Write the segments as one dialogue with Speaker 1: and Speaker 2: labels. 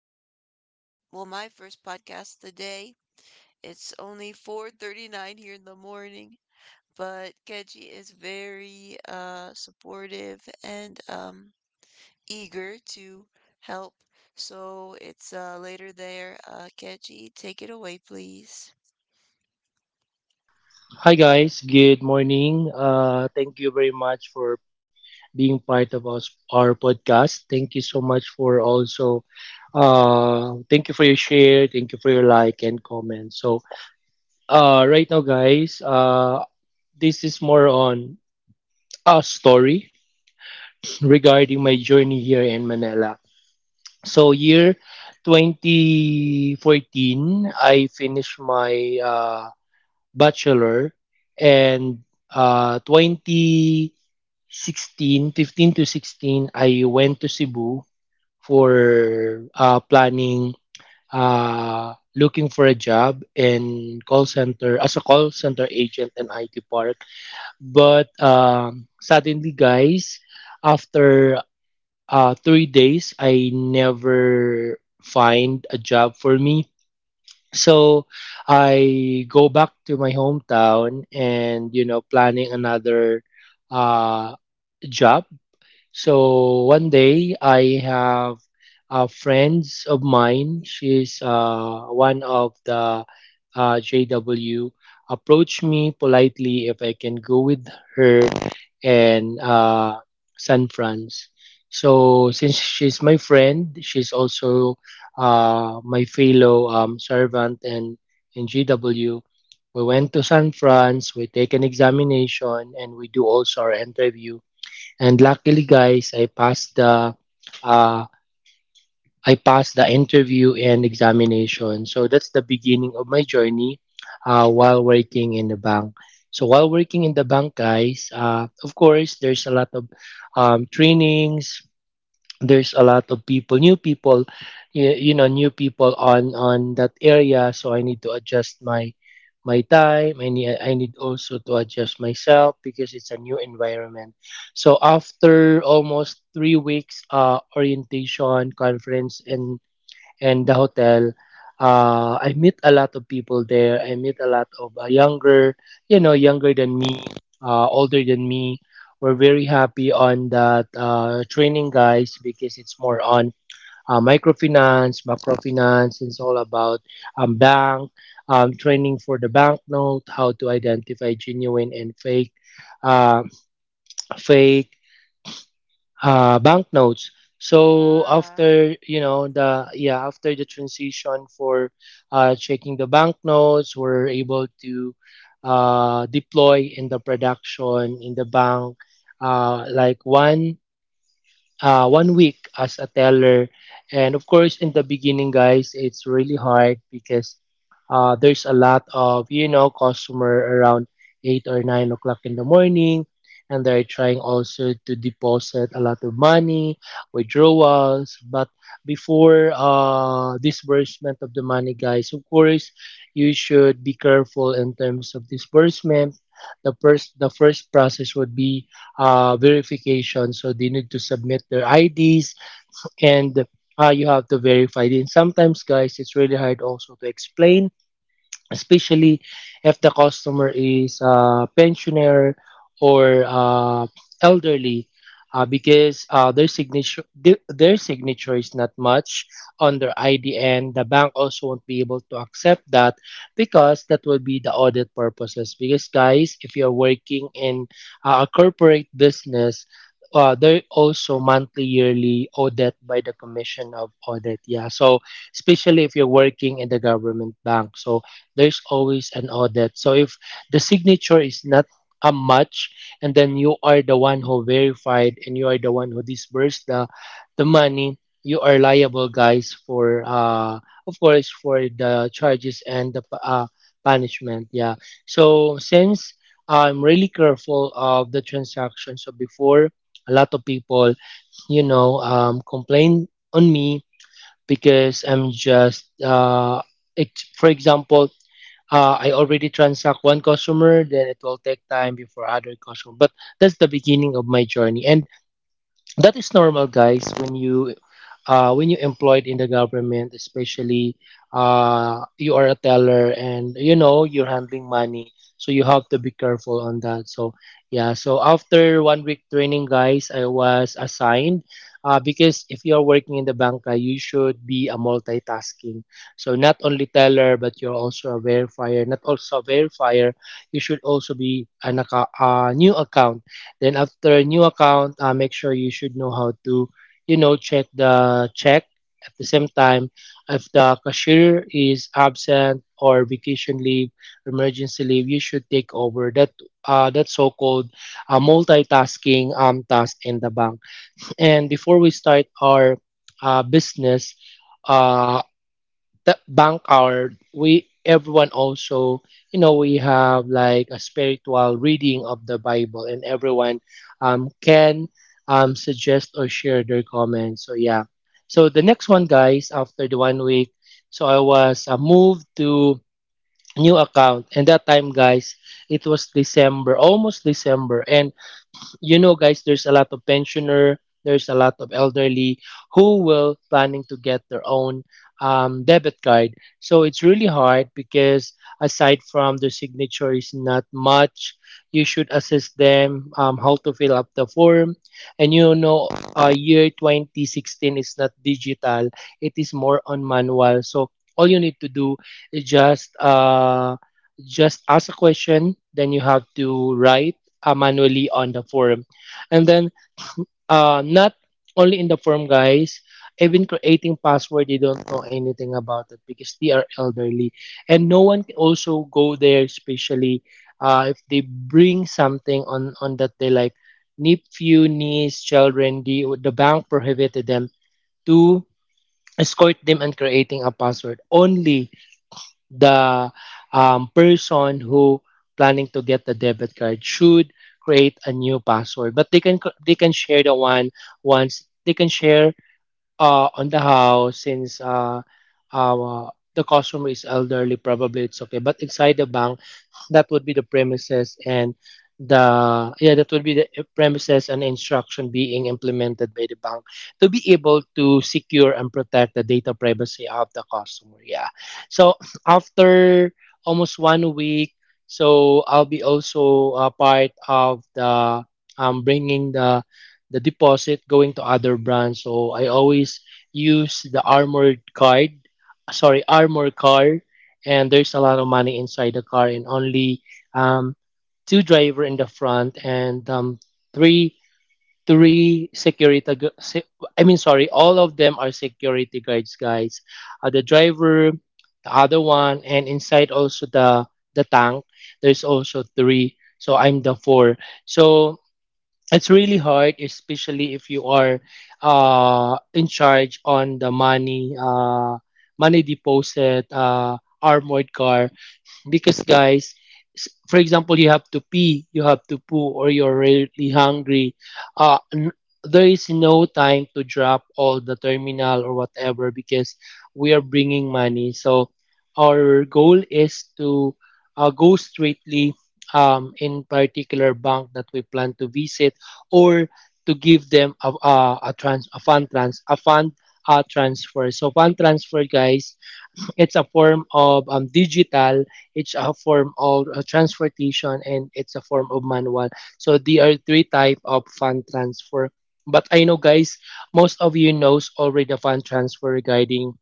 Speaker 1: It's our first, well, my first podcast of the day. It's only 4:39 here in the morning, but Kedji is very supportive and eager to help. So it's later there. Keji, take it away, please.
Speaker 2: Hi guys, good morning. Thank you very much for being part of us, our podcast. Thank you so much for also, thank you for your share, thank you for your like and comment. So, right now, guys, this is more on a story regarding my journey here in Manila. So, year 2014, I finished my Bachelor, and 2016, 15 to 16, I went to Cebu for planning, looking for a job in call center, as a call center agent in IT Park. But suddenly, guys, after 3 days, I never find a job for me. So I go back to my hometown and you know planning another uh job. So one day I have friends of mine. She's one of the JW. Approached me politely if I can go with her and San Franz. So since she's my friend, she's also my fellow servant and in GW. We went to San Franz. We take an examination and we do also our interview. And luckily, guys, I passed the uh, interview and examination. So that's the beginning of my journey, while working in the bank. So while working in the bank, guys, of course, there's a lot of trainings, there's a lot of people new people. You know new people on that area, so I need to adjust my time. I need also to adjust myself because it's a new environment. So after almost 3 weeks orientation conference and the hotel. I meet a lot of people there. I meet a lot of younger, you know, younger than me, older than me. We're very happy on that training, guys, because it's more on microfinance, macrofinance. It's all about bank training for the banknote, how to identify genuine and fake uh, fake banknotes. So
Speaker 1: Ah.
Speaker 2: after you know the yeah after the transition for checking the banknotes, we're able to deploy in the production in the bank like 1 week as a teller. And of course, in the beginning, guys, it's really hard because there's a lot of, you know, customer around 8 or 9 o'clock in the morning. And they're trying also to deposit a lot of money, withdrawals. But before disbursement of the money, guys, of course, you should be careful in terms of disbursement. The first process would be verification. So they need to submit their IDs, and you have to verify it. And sometimes, guys, it's really hard also to explain, especially if the customer is a pensioner or elderly, because their signature their signature is not much on their ID, and the bank also won't be able to accept that because that will be the audit purposes. Because guys, if you're working in a corporate business, they're also monthly yearly audit by the commission of audit, yeah. So especially if you're working in the government bank. So there's always an audit. So if the signature is not a match, and then you are the one who verified and you are the one who disbursed the money, you are liable, guys, for of course, for the charges and the punishment. Yeah. So since I'm really careful of the transaction, so before a lot of people, you know, complain on me because I'm just for example, I already transact one customer, then it will take time before other customer. But that's the beginning of my journey. And that is normal guys when you when you employed in the government, especially you are a teller and you know you're handling money, so you have to be careful on that. So yeah, so after 1 week training, guys, I was assigned, because if you're working in the banka you should be a multitasking. So not only teller, but you're also a verifier. Not also a verifier You should also be an a new account. Then after a new account, make sure you should know how to, you know, check the check. At the same time, if the cashier is absent or vacation leave, emergency leave, you should take over that so-called multitasking task in the bank. And before we start our business, uh, the bank hour, we everyone also, you know, we have like a spiritual reading of the bible, and everyone can suggest or share their comments. So yeah, so the next one guys, after the 1 week, so I was moved to new account. And that time guys, it was december, almost december. And you know guys, there's a lot of pensioner, there's a lot of elderly who will planning to get their own debit card. So it's really hard because aside from the signature is not much, you should assist them how to fill up the form. And you know, year 2016 is not digital, it is more on manual. So all you need to do is just just ask a question, then you have to write manually on the form. And then not only in the form, guys, even creating password, they don't know anything about it because they are elderly. And no one can also go there, especially if they bring something on that they like nephew, niece, children, the bank prohibited them to escort them and creating a password. Only the person who planning to get the debit card should create a new password. But they can share the one, once they can share on the house. Since uh, the customer is elderly, probably it's okay, but inside the bank that would be the premises and the yeah that would be the premises and instruction being implemented by the bank to be able to secure and protect the data privacy of the customer, yeah. So after almost 1 week, so I'll be also a part of the bringing the deposit going to other brands. So I always use the armored card, sorry armor car. And there's a lot of money inside the car, and only um, two driver in the front, and three three I mean sorry, all of them are security guards, guys, the driver, the other one, and inside also the tank there's also three, so I'm the four. So it's really hard, especially if you are in charge on the money, money deposit armored car. Because guys, for example, you have to pee, you have to poo, or you're really hungry, uh n- there is no time to drop all the terminal or whatever because we are bringing money. So our goal is to go straightly in particular bank that we plan to visit, or to give them a fund transfer. So fund transfer guys, it's a form of digital, it's a form of transportation, and it's a form of manual. So there are three type of fund transfer. But I know guys, most of you knows already the fund transfer regarding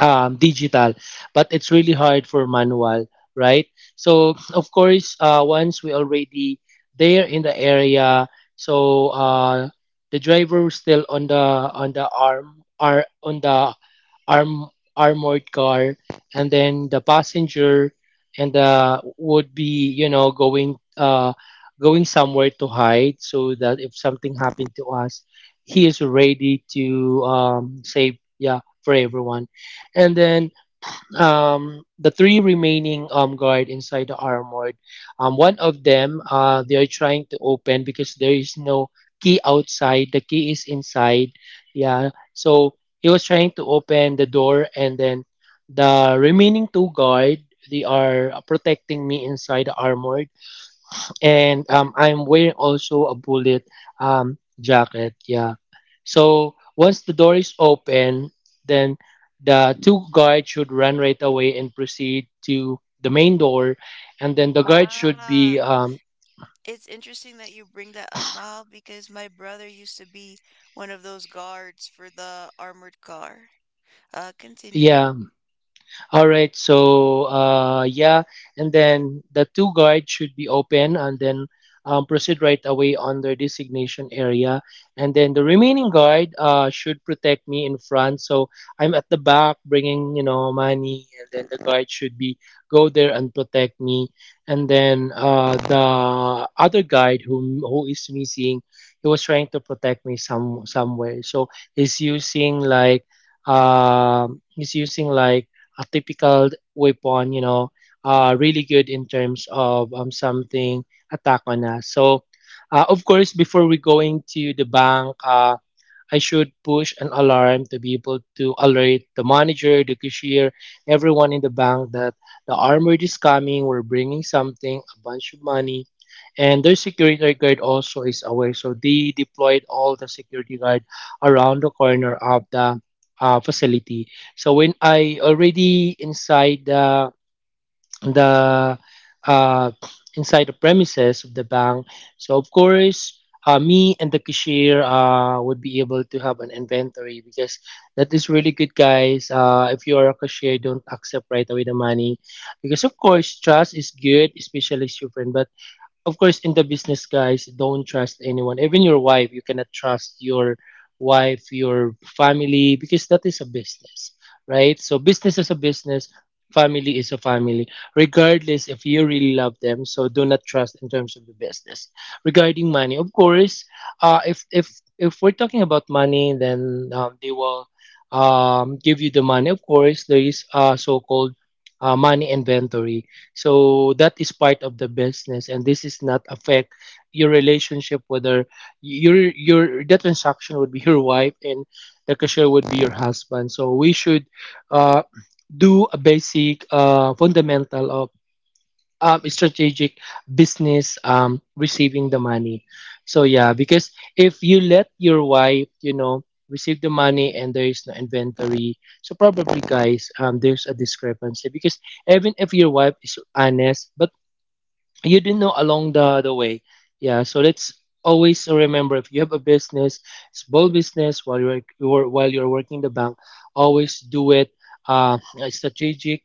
Speaker 2: digital, but it's really hard for manual, right? So of course, once we already there in the area, so the driver still on the arm, armored car. And then the passenger and would be you know going going somewhere to hide so that if something happened to us, he is ready to save yeah for everyone. And then the three remaining guard inside the armored. One of them they are trying to open because there is no key outside. The key is inside. Yeah. So he was trying to open the door, and then the remaining two guard, they are protecting me inside the armored. And I'm wearing also a bullet jacket. Yeah. So once the door is open, then the two guards should run right away and proceed to the main door, and then the guard should
Speaker 1: Ah,
Speaker 2: be
Speaker 1: it's interesting that you bring that up, Mahal, because my brother used to be one of those guards for the armored car. Continue.
Speaker 2: yeah All right. So and then the two guards should be open, and then proceed right away on their designation area, and then the remaining guard should protect me in front. So I'm at the back, bringing you know money, and then the guard should be go there and protect me. And then the other guard who is missing, he was trying to protect me somewhere. So he's using like a typical weapon, you know, really good in terms of something attack on us. Of course, before we going to the bank, I should push an alarm to be able to alert the manager, the cashier, everyone in the bank that the armored is coming, we're bringing something, a bunch of money. And their security guard also is aware. So they deployed all the security guard around the corner of the facility. So when I already inside the the uh, inside the premises of the bank. So of course, me and the cashier would be able to have an inventory because that is really good, guys. If you are a cashier, don't accept right away the money because of course trust is good, especially as your friend. But of course in the business, guys, don't trust anyone, even your wife. You cannot trust your wife, your family, because that is a business, right? So business is a business, family is a family, regardless if you really love them. So do not trust in terms of the business regarding money. Of course, if if we're talking about money, then they will give you the money. Of course, there is a so-called money inventory. So that is part of the business, and this is not affect your relationship. Whether your the transaction would be your wife and the cashier would be your husband. So we should uh, do a basic fundamental, strategic business, receiving the money. So yeah, because if you let your wife, you know, receive the money and there is no inventory, so probably, guys, there's a discrepancy because even if your wife is honest, but you didn't know along the way. Yeah, so let's always remember, if you have a business, small business while you're working the bank, always do it uh, strategic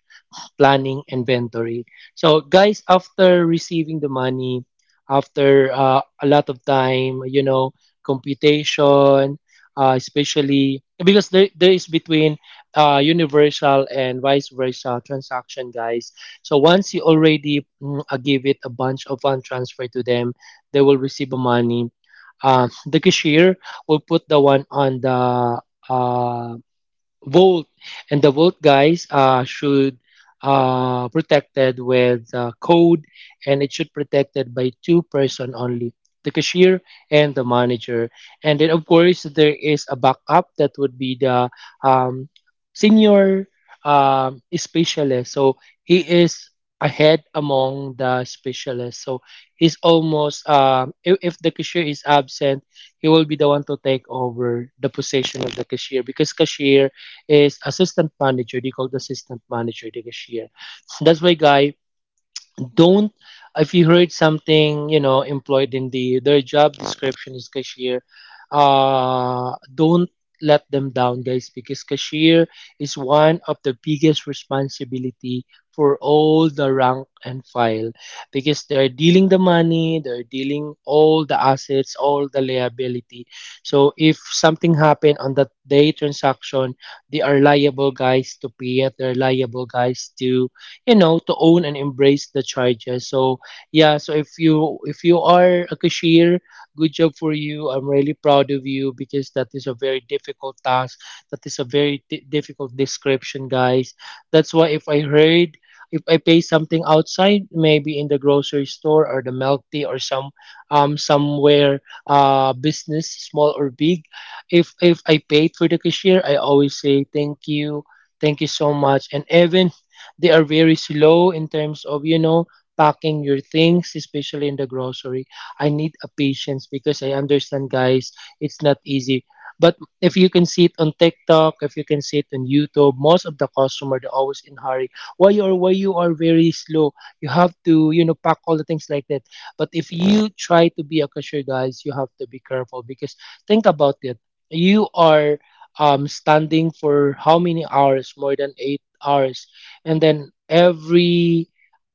Speaker 2: planning inventory. So, guys, after receiving the money, after a lot of time, you know, computation, especially because there is between universal and vice versa transaction, guys. So, once you already give it a bunch of fund transfer to them, they will receive the money. The cashier will put the one on the uh, Volt, and the Volt, guys, should protected with code, and it should protected by two person only, the cashier and the manager. And then of course there is a backup that would be the um, senior specialist. So he is ahead among the specialists. So he's almost, if the cashier is absent, he will be the one to take over the position of the cashier, because cashier is assistant manager. They call the assistant manager the cashier. That's why, guy, don't, if you heard something, you know, employed in the their job description is cashier, don't let them down, guys, because cashier is one of the biggest responsibility for all the rank and file, because they're dealing the money, they're dealing all the assets, all the liability. So if something happened on that day transaction, they are liable, guys, to pay it. They're liable, guys, to, you know, to own and embrace the charges. So yeah, so if you are a cashier, good job for you, I'm really proud of you, because that is a very difficult task. That is a very difficult description, guys. That's why if I heard, if I pay something outside, maybe in the grocery store or the milk tea or some, somewhere, business, small or big, if I paid for the cashier, I always say thank you. Thank you so much. And even they are very slow in terms of, you know, packing your things, especially in the grocery. I need a patience because I understand, guys, it's not easy. But if you can see it on TikTok, if you can see it on YouTube, most of the customer they're always in hurry. Why you are very slow? You have to, you know, pack all the things like that. But if you try to be a cashier, guys, you have to be careful because think about it. You are standing for how many hours? More than 8 hours, and then every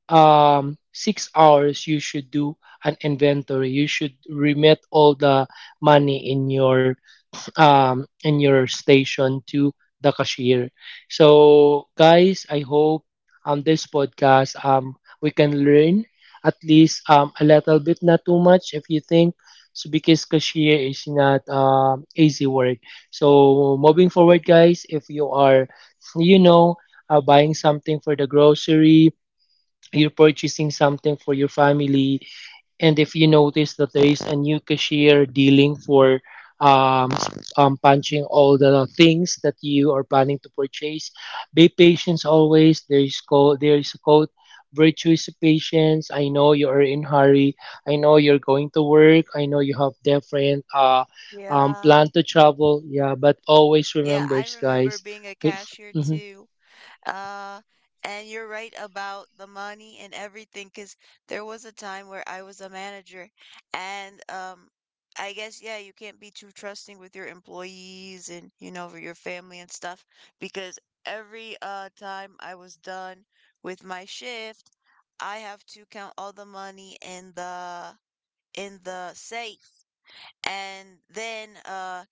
Speaker 2: 6 hours you should do an inventory. You should remit all the money in your and your station to the cashier. So, guys, I hope this podcast, we can learn at least a little bit, not too much if you think. So, because cashier is not easy word. So, moving forward, guys, if you are, you know, buying something for the grocery, you're purchasing something for your family, and if you notice that there is a new cashier dealing for, punching all the things that you are planning to purchase, be patient always. There is code. There is a code. Virtue is patience. I know you are in hurry. I know you're going to work. I know you have different
Speaker 1: Yeah.
Speaker 2: plan to travel. Yeah, but always
Speaker 1: Yeah,
Speaker 2: remember,
Speaker 1: I
Speaker 2: guys.
Speaker 1: remember being a
Speaker 2: Okay.
Speaker 1: cashier
Speaker 2: Mhm.
Speaker 1: too. Uh, and you're right about the money and everything, because there was a time where I was a manager, and I guess yeah, you can't be too trusting with your employees, and you know, for your family and stuff, because every time I was done with my shift, I have to count all the money in the safe, and then uh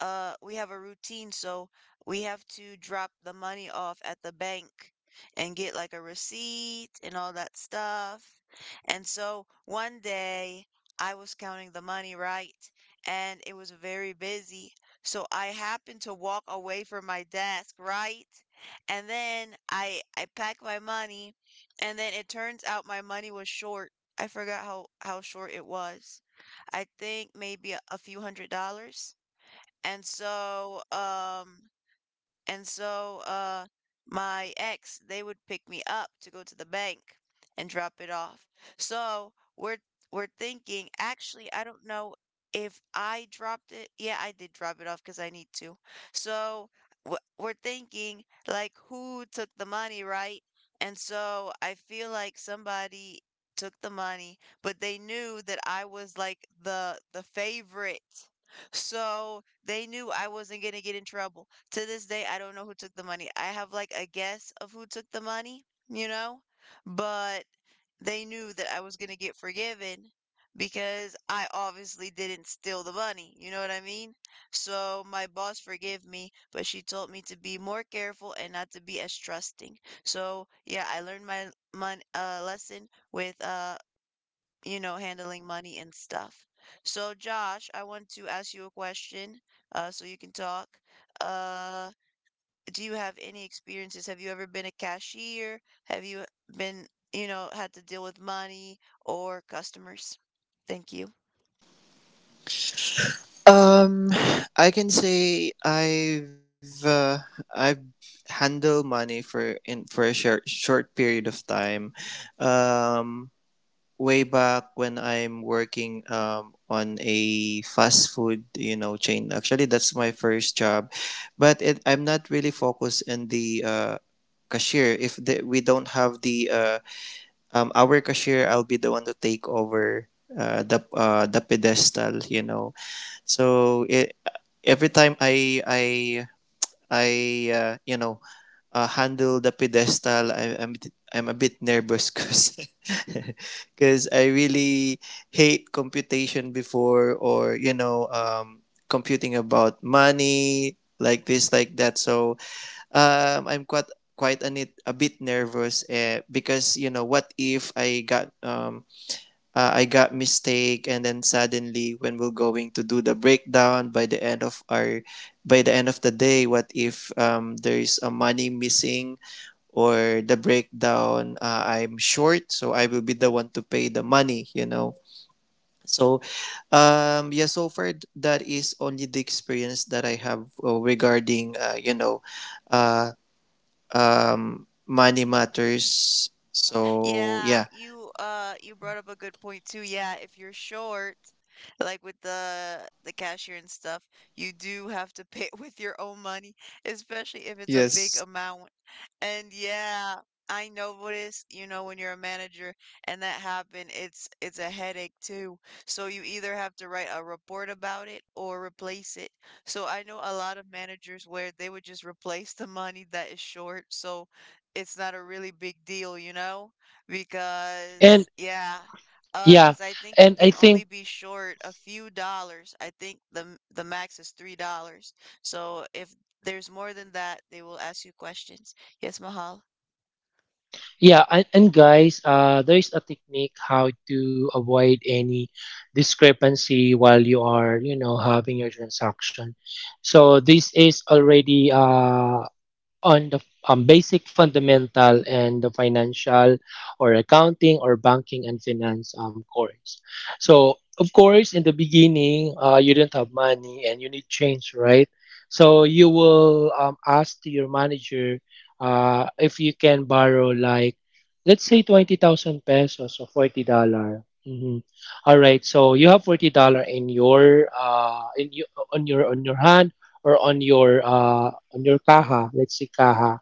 Speaker 1: uh we have a routine, so we have to drop the money off at the bank and get like a receipt and all that stuff. And so one day I was counting the money, right, and it was very busy. So I happened to walk away from my desk, right? And then I packed my money, and then it turns out my money was short. I forgot how short it was. I think maybe a few $100s. And so, um, and so my ex, they would pick me up to go to the bank and drop it off. So we're thinking, actually, I don't know if I dropped it. Yeah, I did drop it off because I need to. So we're thinking like who took the money, right? And so I feel like somebody took the money, but they knew that I was like the favorite. So they knew I wasn't gonna get in trouble. To this day, I don't know who took the money. I have like a guess of who took the money, you know, but they knew that I was going to get forgiven because I obviously didn't steal the money. You know what I mean? So my boss forgave me, but she told me to be more careful and not to be as trusting. So yeah, I learned my mon lesson with you know, handling money and stuff. So Josh, I want to ask you a question so you can talk. Uh, do you have any experiences? Have you ever been a cashier? Have you been, you know, had to deal with money or customers? Thank you.
Speaker 3: Um, I can say I've handled money for in for a short period of time. Um, Way back when I'm working on a fast food chain. Actually, that's my first job, but it, I'm not really focused in the cashier. If the, we don't have the our cashier, I'll be the one to take over the pedestal. You know so it, every time I you know handle the pedestal, I'm a bit nervous because because I really hate computation before or computing about money like this like that. So I'm quite a, a bit nervous because you know what if I got I got mistake and then suddenly when we're going to do the breakdown by the end of our by the end of the day, what if there's a money missing or the breakdown I'm short, so I will be the one to pay the money, you know. So yeah, so far that is only the experience that I have regarding uh money matters, so
Speaker 1: Yeah,
Speaker 3: yeah.
Speaker 1: you you brought up a good point too. Yeah, if you're short, like with the cashier and stuff, you do have to pay with your own money, especially if it's a big
Speaker 3: Yes.
Speaker 1: amount. And yeah, I noticed, you know, when you're a manager and that happened, it's a headache too. So you either have to write a report about it or replace it. So I know a lot of managers where they would just replace the money that is short, so it's not a really big deal, you know? Because
Speaker 2: And
Speaker 1: yeah,
Speaker 2: yeah,
Speaker 1: cause I think you
Speaker 2: and I
Speaker 1: can only
Speaker 2: think
Speaker 1: be short a few dollars. I think the the max is $3. So if there's more than that, they will ask you questions. Yes, Mahal.
Speaker 2: Yeah, and guys, there is a technique how to avoid any discrepancy while you are, you know, having your transaction. So this is already on the basic fundamental and the financial or accounting or banking and finance course. So, of course, in the beginning, you don't have money and you need change, right? So, you will ask to your manager if you can borrow, like, let's say 20,000 pesos or $40. Mhm. All right, so you have $40 in your in you on your hand, or on your under Kaha, let's see Kaha.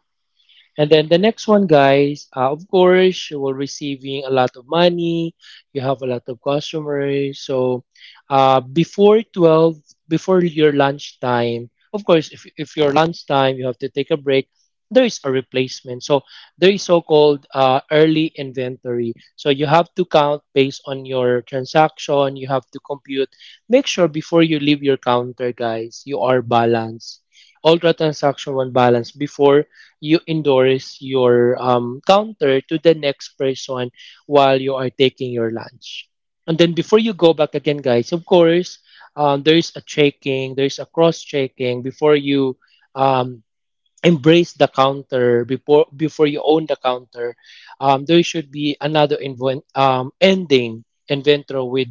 Speaker 2: And then the next one, guys, of course, you will receiving a lot of money. You have a lot of customers. So, before 12, before your lunchtime, of course, if your lunchtime, you have to take a break, there is a replacement. So, there is so-called early inventory. So, you have to count based on your transaction. You have to compute. Make sure before you leave your counter, guys, you are balanced. All transaction one balance before you endorse your counter to the next person while you are taking your lunch. And then before you go back again, guys, of course, there is a checking, there is a cross checking before you um, embrace the counter, before you own the counter, there should be another ending inventor with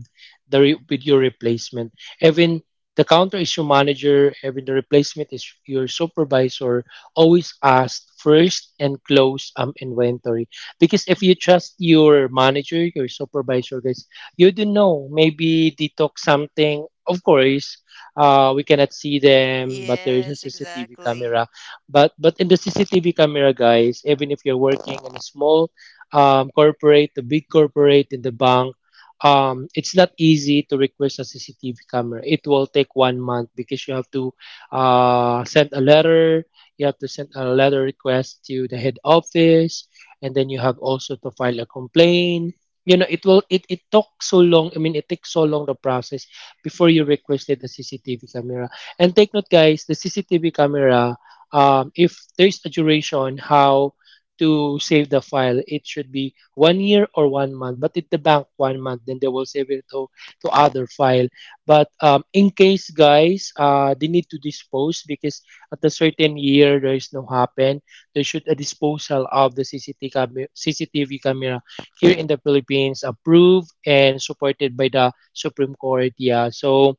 Speaker 2: with your replacement. Even the counter is your manager, even the replacement is your supervisor, always ask first and close inventory. Because if you trust your manager, your supervisor, guys, you don't know, maybe they talk something. Of course, we cannot see them, but there is a
Speaker 1: Yes,
Speaker 2: cctv
Speaker 1: exactly.
Speaker 2: camera. But in the CCTV camera, guys, even if you're working in a small corporate, a big corporate in the bank, it's not easy to request a CCTV camera. It will take 1 month because you have to send a letter. You have to send a letter request to the head office, and then you have also to file a complaint. You know, it will it it took so long. I mean, it takes so long the process before you requested the CCTV camera. And take note, guys, the CCTV camera, if there's a duration how to save the file, it should be 1 year or 1 month. But if the bank 1 month, then they will save it to other file. But in case, guys, they need to dispose, because at a certain year there is no happen, there should a disposal of the CCTV camera here in the Philippines, approved and supported by the Supreme Court. Yeah, so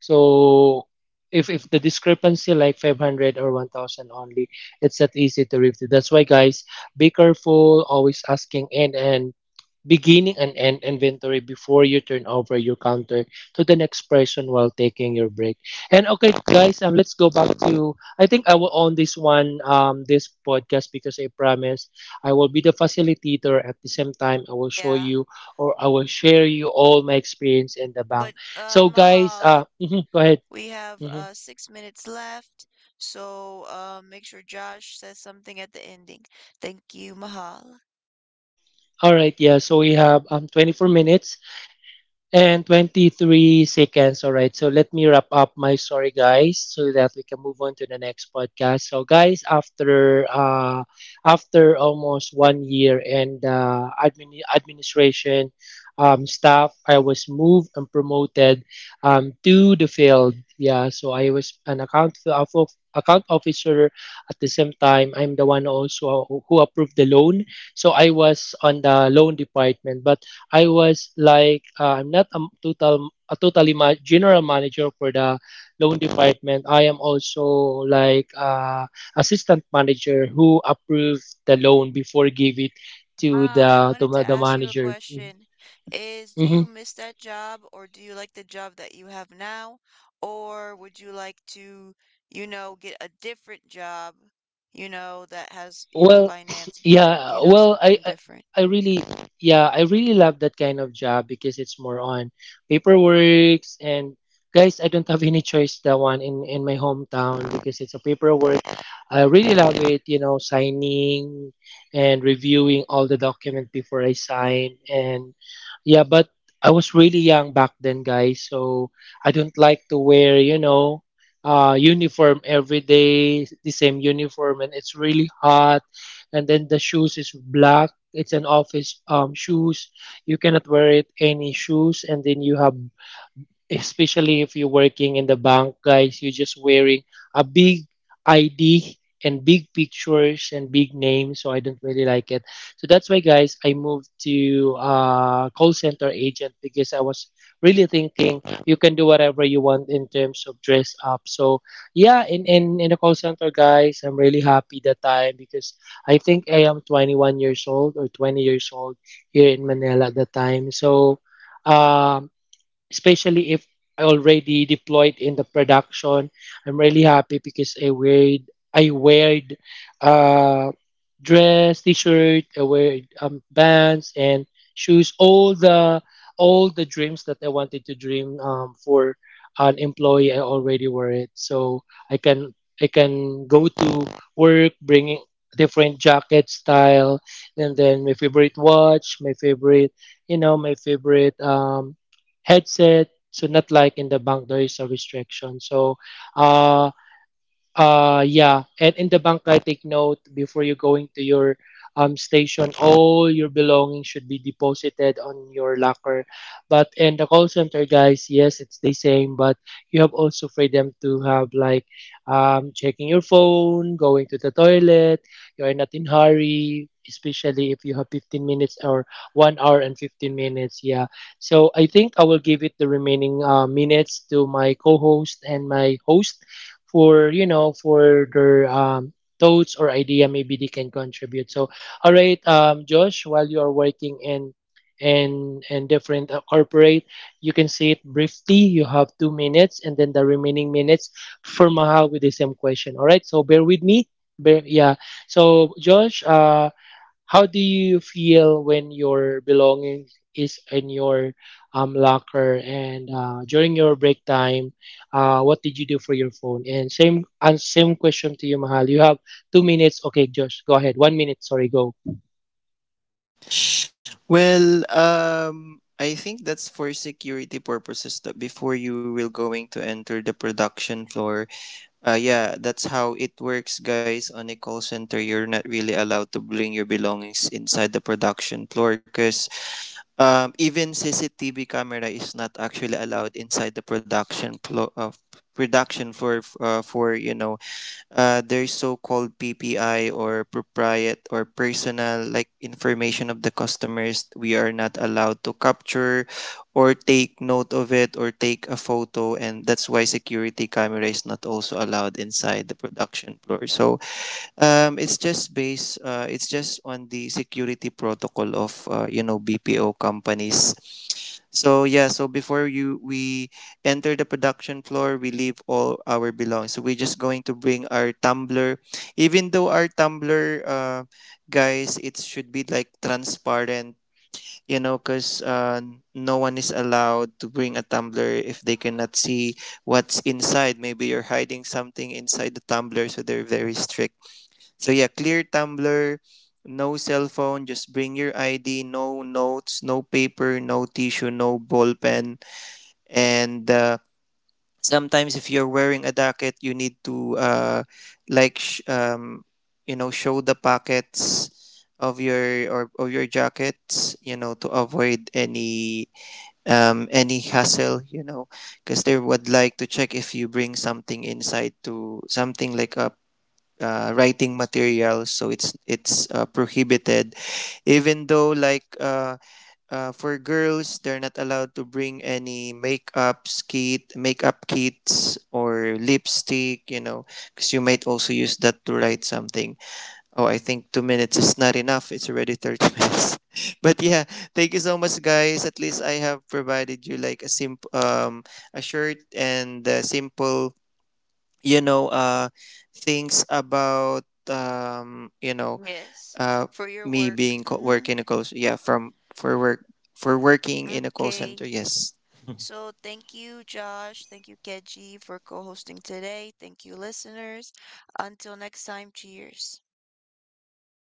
Speaker 2: so if the discrepancy like 500 or 1000 only, it's not easy to review. That's why, guys, be careful, always asking end and beginning and end inventory before you turn over your counter to the next person while taking your break. And okay, guys, let's go back to, I think I will own this one, this podcast, because I promise I will be the facilitator. At the same time, I will show
Speaker 1: Yeah.
Speaker 2: you or I will share you all my experience in the
Speaker 1: But
Speaker 2: bank. So guys, uh,
Speaker 1: Mahal,
Speaker 2: go ahead.
Speaker 1: we have
Speaker 2: Mhm.
Speaker 1: 6 minutes left. So make sure Josh says something at the ending. Thank you, Mahal.
Speaker 2: All right, yeah. So we have 24 minutes and 23 seconds. All right. So let me wrap up my story, guys, so that we can move on to the next podcast. So, guys, after after almost 1 year and administration staff, I was moved and promoted to the field. Yeah. So I was an account officer. At the same time, I'm the one also who approved the loan, so I was on the loan department. But I was like I'm not a totally general manager for the loan department. I am also like assistant manager who approve the loan before give it to
Speaker 1: Ah, I
Speaker 2: the
Speaker 1: wanted to
Speaker 2: the
Speaker 1: ask you a
Speaker 2: manager.
Speaker 1: question. Is Do you
Speaker 2: Mhm.
Speaker 1: miss that job, or do you like the job that you have now? Or would you like to, you know, get a different job, you know, that has, you know,
Speaker 2: Well,
Speaker 1: finance, but, you
Speaker 2: yeah.
Speaker 1: know,
Speaker 2: Well, I,
Speaker 1: something
Speaker 2: I
Speaker 1: different?
Speaker 2: I really yeah, I really love that kind of job because it's more on paperworks. And guys, I don't have any choice that one in my hometown because it's a paperwork. I really love it, you know, signing and reviewing all the document before I sign. And yeah, but I was really young back then, guys, so I don't like to wear, you know, uniform every day, the same uniform, and it's really hot. And then the shoes is black. It's an office shoes. You cannot wear it any shoes. And then you have, especially if you're working in the bank, guys, you're just wearing a big ID and big pictures and big names. So I don't really like it. So that's why, guys, I moved to call center agent because I was really thinking you can do whatever you want in terms of dress up. So yeah, in in a call center, guys, I'm really happy that time because I think I am 21 years old or 20 years old here in Manila at the time. So. Um, especially if I already deployed in the production, I'm really happy because I wear uh, dress, t-shirt, I wear bands and shoes. All the dreams that I wanted to dream for an employee, I already wear it. So I can I can go to work bringing different jacket style and then my favorite, you know, my favorite headset. So not like in the bank, there is a restriction. So uh, yeah. And in the bank, I take note, before you going to your station, all your belongings should be deposited on your locker. But in the call center, guys, yes, it's the same, but you have also freedom to have like checking your phone, going to the toilet. You are not in hurry, especially if you have 15 minutes or 1 hour and 15 minutes. Yeah, so I think I will give it the remaining minutes to my co-host and my host for for their thoughts or idea, maybe they can contribute. So all right, Josh, while you are working in in different corporate, you can say it briefly. You have 2 minutes, and then the remaining minutes for Mahal with the same question. All right, so bear with me. Yeah. So Josh, how do you feel when your belongings is in your locker, and during your break time, what did you do for your phone? And same question to you, Mahal. You have 2 minutes. Okay, Josh, go ahead. 1 minute. Sorry, go.
Speaker 3: Well, I think that's for security purposes that before you will going to enter the production floor. Yeah, that's how it works, guys. On a call center, you're not really allowed to bring your belongings inside the production floor because even CCTV camera is not actually allowed inside the production floor. For there's so-called PPI or propriet or personal like information of the customers, we are not allowed to capture or take note of it or take a photo, and that's why security camera is not also allowed inside the production floor. So it's just based it's just on the security protocol of BPO companies. So yeah, so before you we enter the production floor, we leave all our belongings. So we're just going to bring our tumbler. Even though our tumbler, guys, it should be like transparent, you know, cuz no one is allowed to bring a tumbler if they cannot see what's inside. Maybe you're hiding something inside the tumbler, so they're very strict. So yeah, clear tumbler, no cell phone, just bring your ID, no notes, no paper, no tissue, no ball pen. And sometimes if you're wearing a jacket, you need to like sh- um, you know, show the pockets of your or of your jackets, you know, to avoid any hassle, you know, because they would like to check if you bring something inside, to something like a writing materials. So it's prohibited. Even though for girls, they're not allowed to bring any makeup kits or lipstick, you know, because you might also use that to write something. Oh, I think 2 minutes is not enough. It's already 30 minutes. But yeah, thank you so much, guys. At least I have provided you like a simple a short and simple you know uh things about um you know
Speaker 1: Yes,
Speaker 3: uh
Speaker 1: for your
Speaker 3: me
Speaker 1: work.
Speaker 3: being
Speaker 1: Mm-hmm.
Speaker 3: work in a call, yeah, from for work, for working in a call center.
Speaker 1: Okay.
Speaker 3: Yes.
Speaker 1: So thank you, Josh. Thank you, Keji, for co-hosting today. Thank you, listeners. Until next time, cheers.